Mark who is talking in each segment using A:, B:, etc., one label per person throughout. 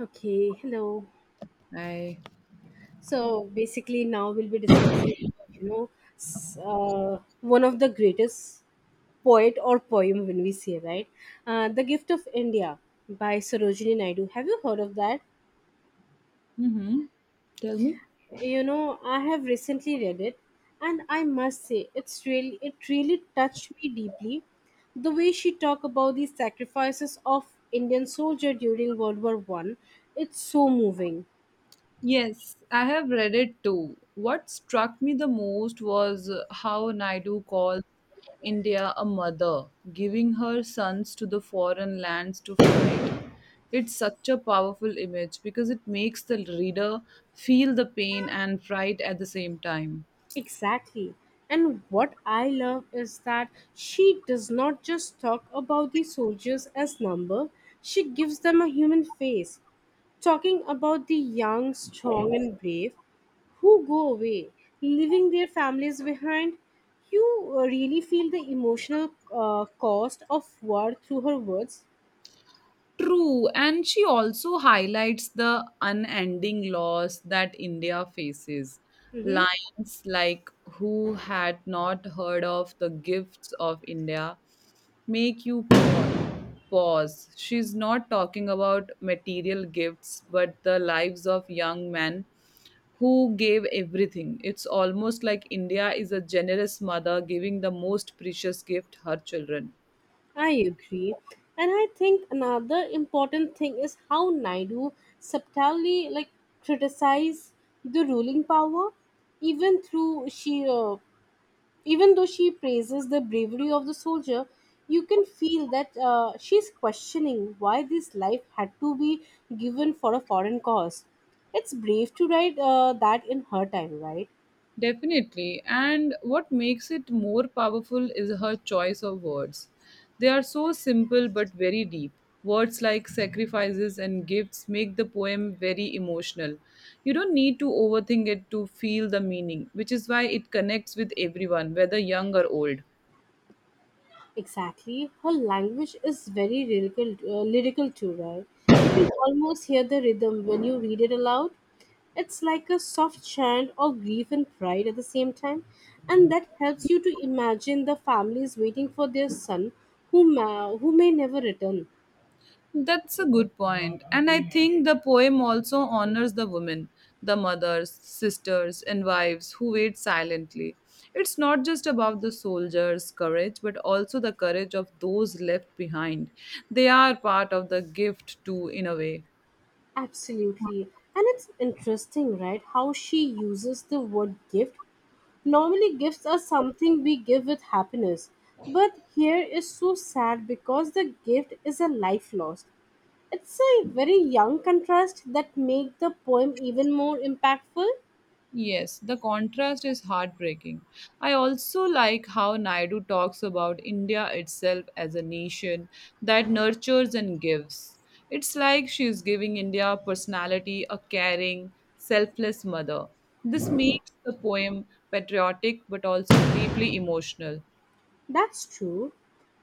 A: Okay, hello.
B: I.
A: So basically, now we'll be discussing, you know, s- uh, one of the greatest poet or poem when we say, right? The Gift of India by Sarojini Naidu. Have you heard of that?
B: Mm-hmm. Tell me.
A: You know, I have recently read it, and I must say, it's really, it really touched me deeply. The way she talked about the sacrifices of Indian soldier during World War One, it's so moving.
B: Yes, I have read it too. What struck me the most was how Naidu calls India a mother, giving her sons to the foreign lands to fight. It's such a powerful image because it makes the reader feel the pain and pride at the same time.
A: Exactly. And what I love is that she does not just talk about the soldiers as number, she gives them a human face, talking about the young, strong and brave who go away, leaving their families behind. You really feel the emotional cost of war through her words.
B: True, and she also highlights the unending loss that India faces.
A: Mm-hmm.
B: Lines like, "Who had not heard of the gifts of India?" make you pause. She's not talking about material gifts, but the lives of young men who gave everything. It's almost like India is a generous mother giving the most precious gift her children.
A: I agree. And I think another important thing is how Naidu subtly like criticized the ruling power, even through she uh, even though she praises the bravery of the soldier, you can feel that she's questioning why this life had to be given for a foreign cause. It's brave to write that in her time, right?
B: Definitely. And what makes it more powerful is her choice of words. They are so simple but very deep. Words like sacrifices and gifts make the poem very emotional. You don't need to overthink it to feel the meaning, which is why it connects with everyone, whether young or old.
A: Exactly. Her language is very lyrical, lyrical too, right? You can almost hear the rhythm when you read it aloud. It's like a soft chant of grief and pride at the same time, and that helps you to imagine the families waiting for their son who may never return.
B: That's a good point. And I think the poem also honors the women, the mothers, sisters, and wives who wait silently. It's not just about the soldiers' courage, but also the courage of those left behind. They are part of the gift, too, in a way.
A: Absolutely. And it's interesting, right? How she uses the word gift. Normally, gifts are something we give with happiness, but here is so sad because the gift is a life lost. It's a very young contrast that make the poem even more impactful.
B: Yes, the contrast is heartbreaking. I also like how Naidu talks about India itself as a nation that nurtures and gives. It's like she's giving India a personality, a caring, selfless mother. This makes the poem patriotic but also deeply emotional.
A: That's true.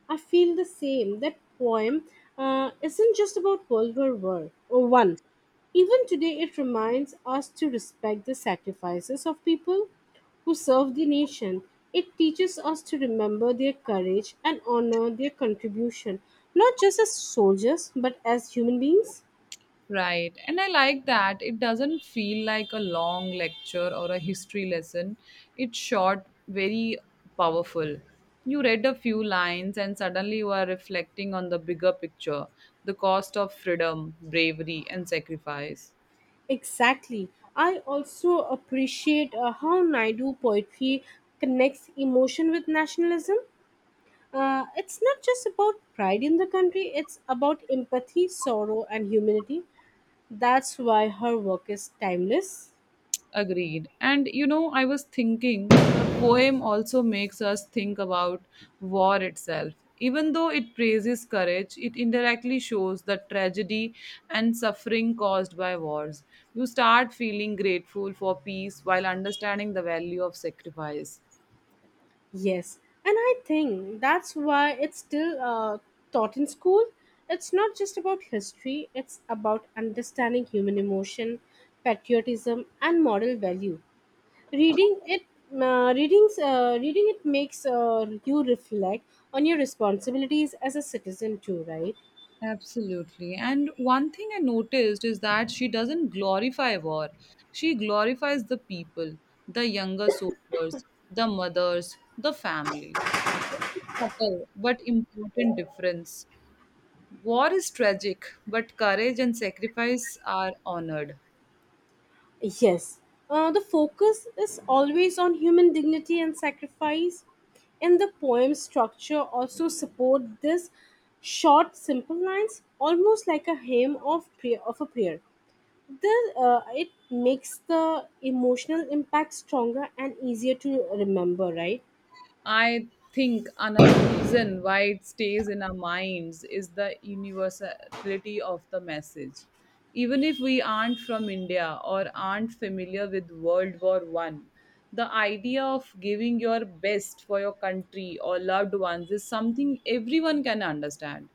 A: I feel the same. That poem isn't just about World War War or One. Even today, it reminds us to respect the sacrifices of people who serve the nation. It teaches us to remember their courage and honor their contribution, not just as soldiers, but as human beings.
B: Right. And I like that. It doesn't feel like a long lecture or a history lesson. It's short, very powerful. You read a few lines and suddenly you are reflecting on the bigger picture, the cost of freedom, bravery, and sacrifice.
A: Exactly. I also appreciate how Naidu poetry connects emotion with nationalism. It's not just about pride in the country, it's about empathy, sorrow, and humanity. That's why her work is timeless.
B: Agreed. And you know, I was thinking the poem also makes us think about war itself. Even though it praises courage, it indirectly shows the tragedy and suffering caused by wars. You start feeling grateful for peace while understanding the value of sacrifice.
A: Yes. And I think that's why it's still taught in school. It's not just about history, it's about understanding human emotion, patriotism, and moral value. Reading it reading it makes you reflect on your responsibilities as a citizen too, right?
B: Absolutely. And one thing I noticed is that she doesn't glorify war. She glorifies the people, the younger soldiers, the mothers, the families. That's a subtle but important difference. War is tragic, but courage and sacrifice are honored.
A: Yes, the focus is always on human dignity and sacrifice, and the poem structure also support this short, simple lines, almost like a hymn of prayer. Of a prayer, it makes the emotional impact stronger and easier to remember. Right?
B: I think another reason why it stays in our minds is the universality of the message. Even if we aren't from India or aren't familiar with World War One, the idea of giving your best for your country or loved ones is something everyone can understand.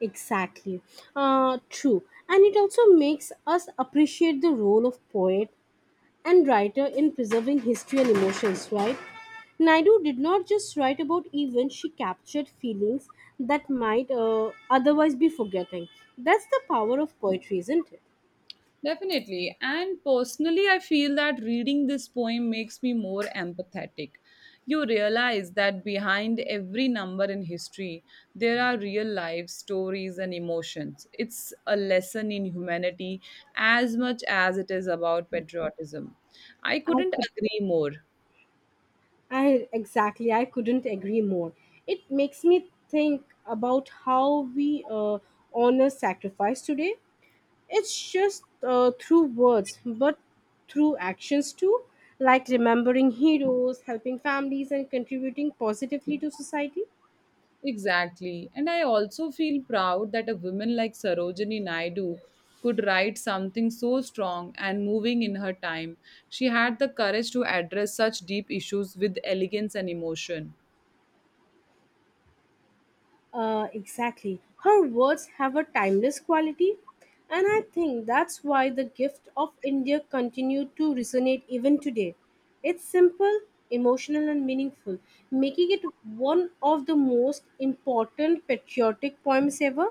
A: Exactly. True, and it also makes us appreciate the role of poet and writer in preserving history and emotions, right? Naidu did not just write about events, she captured feelings that might otherwise be forgetting. That's the power of poetry, isn't it?
B: Definitely. And personally, I feel that reading this poem makes me more empathetic. You realize that behind every number in history, there are real lives, stories and emotions. It's a lesson in humanity as much as it is about patriotism. I
A: I
B: couldn't
A: could,
B: agree more.
A: I couldn't agree more. It makes me think about how we honor sacrifice today. It's just through words, but through actions too, like remembering heroes, helping families, and contributing positively to society.
B: Exactly. And I also feel proud that a woman like Sarojini Naidu could write something so strong and moving in her time. She had the courage to address such deep issues with elegance and emotion.
A: Exactly. Her words have a timeless quality, and I think that's why the gift of India continued to resonate even today. It's simple, emotional, and meaningful, making it one of the most important patriotic poems ever.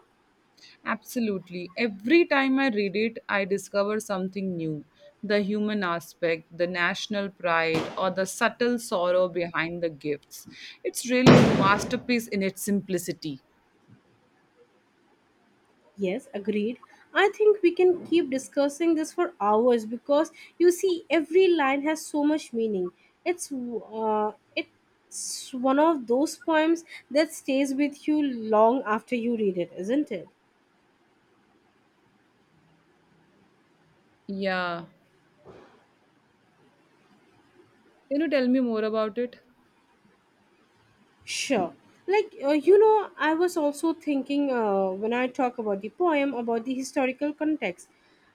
B: Absolutely. Every time I read it, I discover something new, the human aspect, the national pride, or the subtle sorrow behind the gifts. It's really a masterpiece in its simplicity.
A: Yes, agreed. I think we can keep discussing this for hours because you see, every line has so much meaning. It's one of those poems that stays with you long after you read it, isn't it?
B: Yeah. Can you tell me more about it?
A: Sure. You know, I was also thinking when I talk about the poem about the historical context.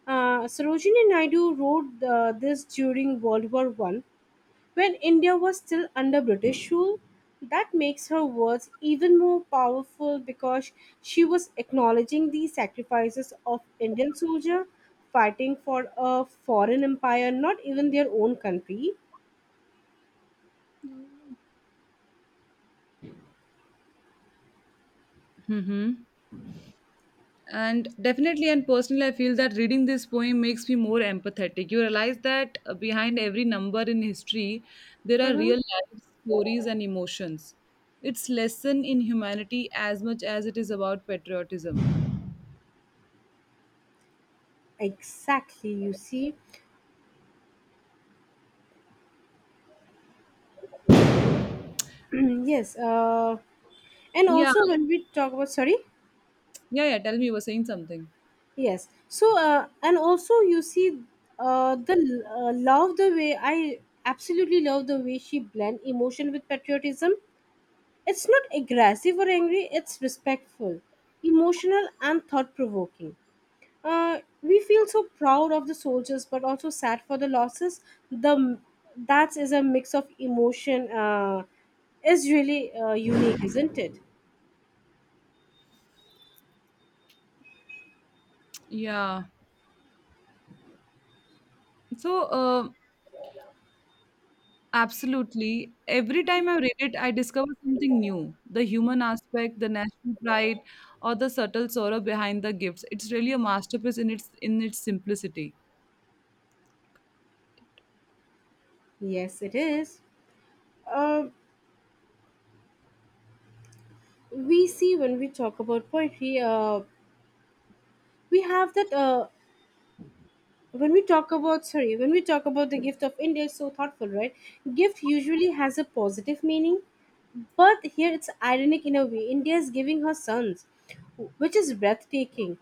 A: Sarojini Naidu wrote this during World War One, when India was still under British rule. That makes her words even more powerful because she was acknowledging the sacrifices of Indian soldier fighting for a foreign empire, not even their own country.
B: Mm hmm. And definitely, and personally, I feel that reading this poem makes me more empathetic. You realize that behind every number in history, there are
A: Mm-hmm.
B: real life stories and emotions. It's lesson in humanity as much as it is about patriotism.
A: Exactly, you see. Yes, and
B: Yeah,
A: also when we talk about, sorry,
B: yeah, yeah. Tell me, you were saying something.
A: yes. So, and also you see the love the way I absolutely love the way she blend emotion with patriotism. It's not aggressive or angry, it's respectful, emotional, and thought provoking. We feel so proud of the soldiers but also sad for the losses. The That is a mix of emotion, is really unique, isn't it?
B: Yeah. So, absolutely. Every time I read it, I discover something new. The human aspect, the national pride, or the subtle sorrow behind the gifts. It's really a masterpiece in its simplicity.
A: Yes, it is. Uh, we see when we talk about poetry, we have that. When we talk about, sorry, when we talk about the gift of India, it's so thoughtful, right? Gift usually has a positive meaning, but here it's ironic in a way. India is giving her sons, which is breathtaking.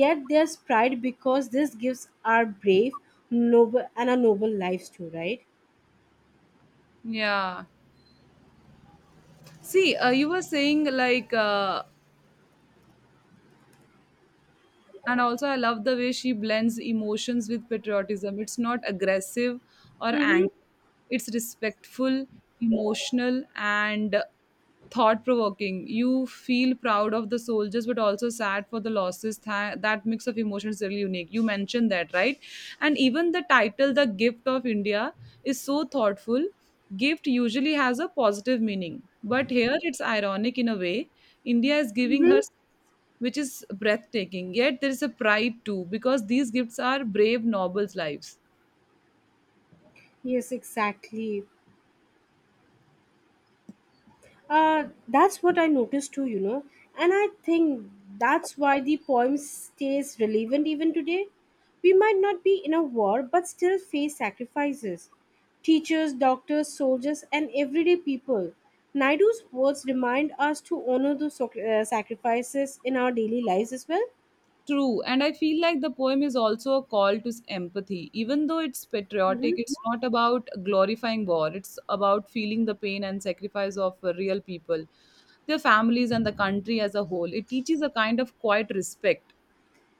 A: Yet there's pride because this gives our brave, noble, and our noble lives too, right?
B: Yeah. See, you were saying and also I love the way she blends emotions with patriotism. It's not aggressive or angry,
A: Mm-hmm.
B: it's respectful, emotional, and thought provoking. You feel proud of the soldiers but also sad for the losses. That mix of emotions is really unique, you mentioned that, right? And even the title, "The Gift of India," is so thoughtful. Gift usually has a positive meaning, but here it's ironic in a way. India is giving her,
A: Mm-hmm.
B: which is breathtaking. Yet there is a pride too, because these gifts are brave nobles' lives.
A: Yes, exactly. That's what I noticed too, you know, and I think that's why the poem stays relevant even today. We might not be in a war, but still face sacrifices. Teachers, doctors, soldiers, and everyday people. Naidu's words remind us to honor those sacrifices in our daily lives as well.
B: True, and I feel like the poem is also a call to empathy. Even though it's patriotic, it's not about glorifying war, it's about feeling the pain and sacrifice of real people, their families, and the country as a whole. It teaches a kind of quiet respect.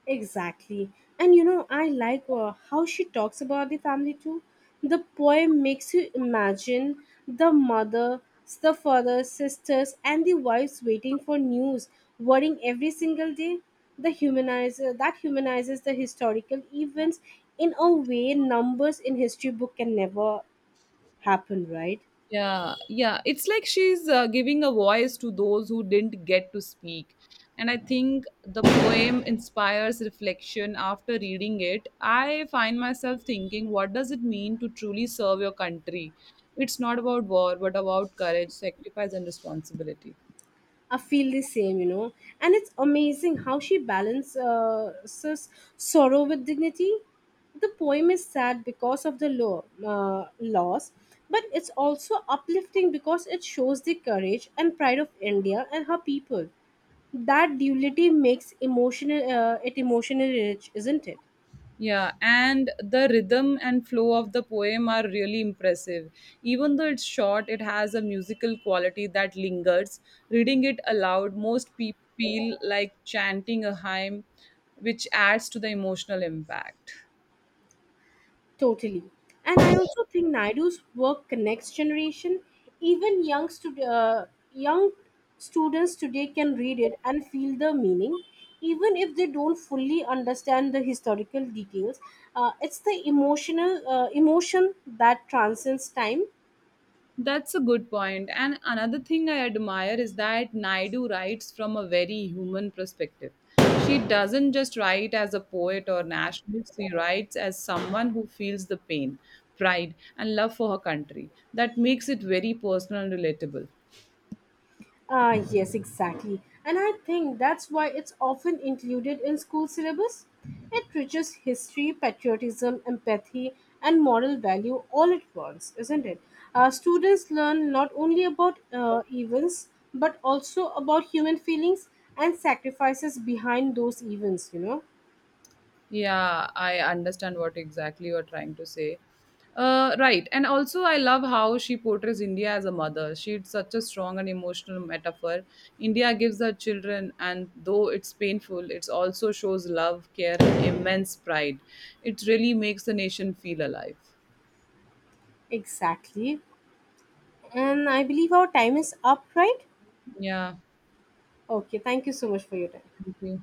A: Exactly. And you know, I like how she talks about the family too. The poem makes you imagine the mother, the father, sisters, and the wives waiting for news, worrying every single day. The humanizer that humanizes the historical events in a way numbers in history book can never happen, right?
B: Yeah, yeah. It's like she's giving a voice to those who didn't get to speak. And I think the poem inspires reflection after reading it. I find myself thinking, what does it mean to truly serve your country? It's not about war, but about courage, sacrifice, and responsibility.
A: I feel the same, you know. And it's amazing how she balances sorrow with dignity. The poem is sad because of the loss, but it's also uplifting because it shows the courage and pride of India and her people. That duality makes emotional it emotionally rich, isn't it?
B: Yeah, and the rhythm and flow of the poem are really impressive. Even though it's short, it has a musical quality that lingers. Reading it aloud, most people feel like chanting a hymn, which adds to the emotional impact.
A: Totally. And I also think Naidu's work connects generation. Even young students today can read it and feel the meaning. Even if they don't fully understand the historical details, it's the emotion that transcends time.
B: That's a good point. And another thing I admire is that Naidu writes from a very human perspective. She doesn't just write as a poet or nationalist, she writes as someone who feels the pain, pride, and love for her country. That makes it very personal and relatable.
A: Ah, yes, exactly. And I think that's why it's often included in school syllabus. It teaches history, patriotism, empathy, and moral value all at once, isn't it? Students learn not only about events, but also about human feelings and sacrifices behind those events, you know?
B: Yeah, I understand what exactly you're trying to say. Right. And also, I love how she portrays India as a mother. She's such a strong and emotional metaphor. India gives her children, and though it's painful, it also shows love, care, and immense pride. It really makes the nation feel alive.
A: Exactly. And I believe our time is up, right?
B: Yeah.
A: Okay, thank you so much for your time.
B: Thank you.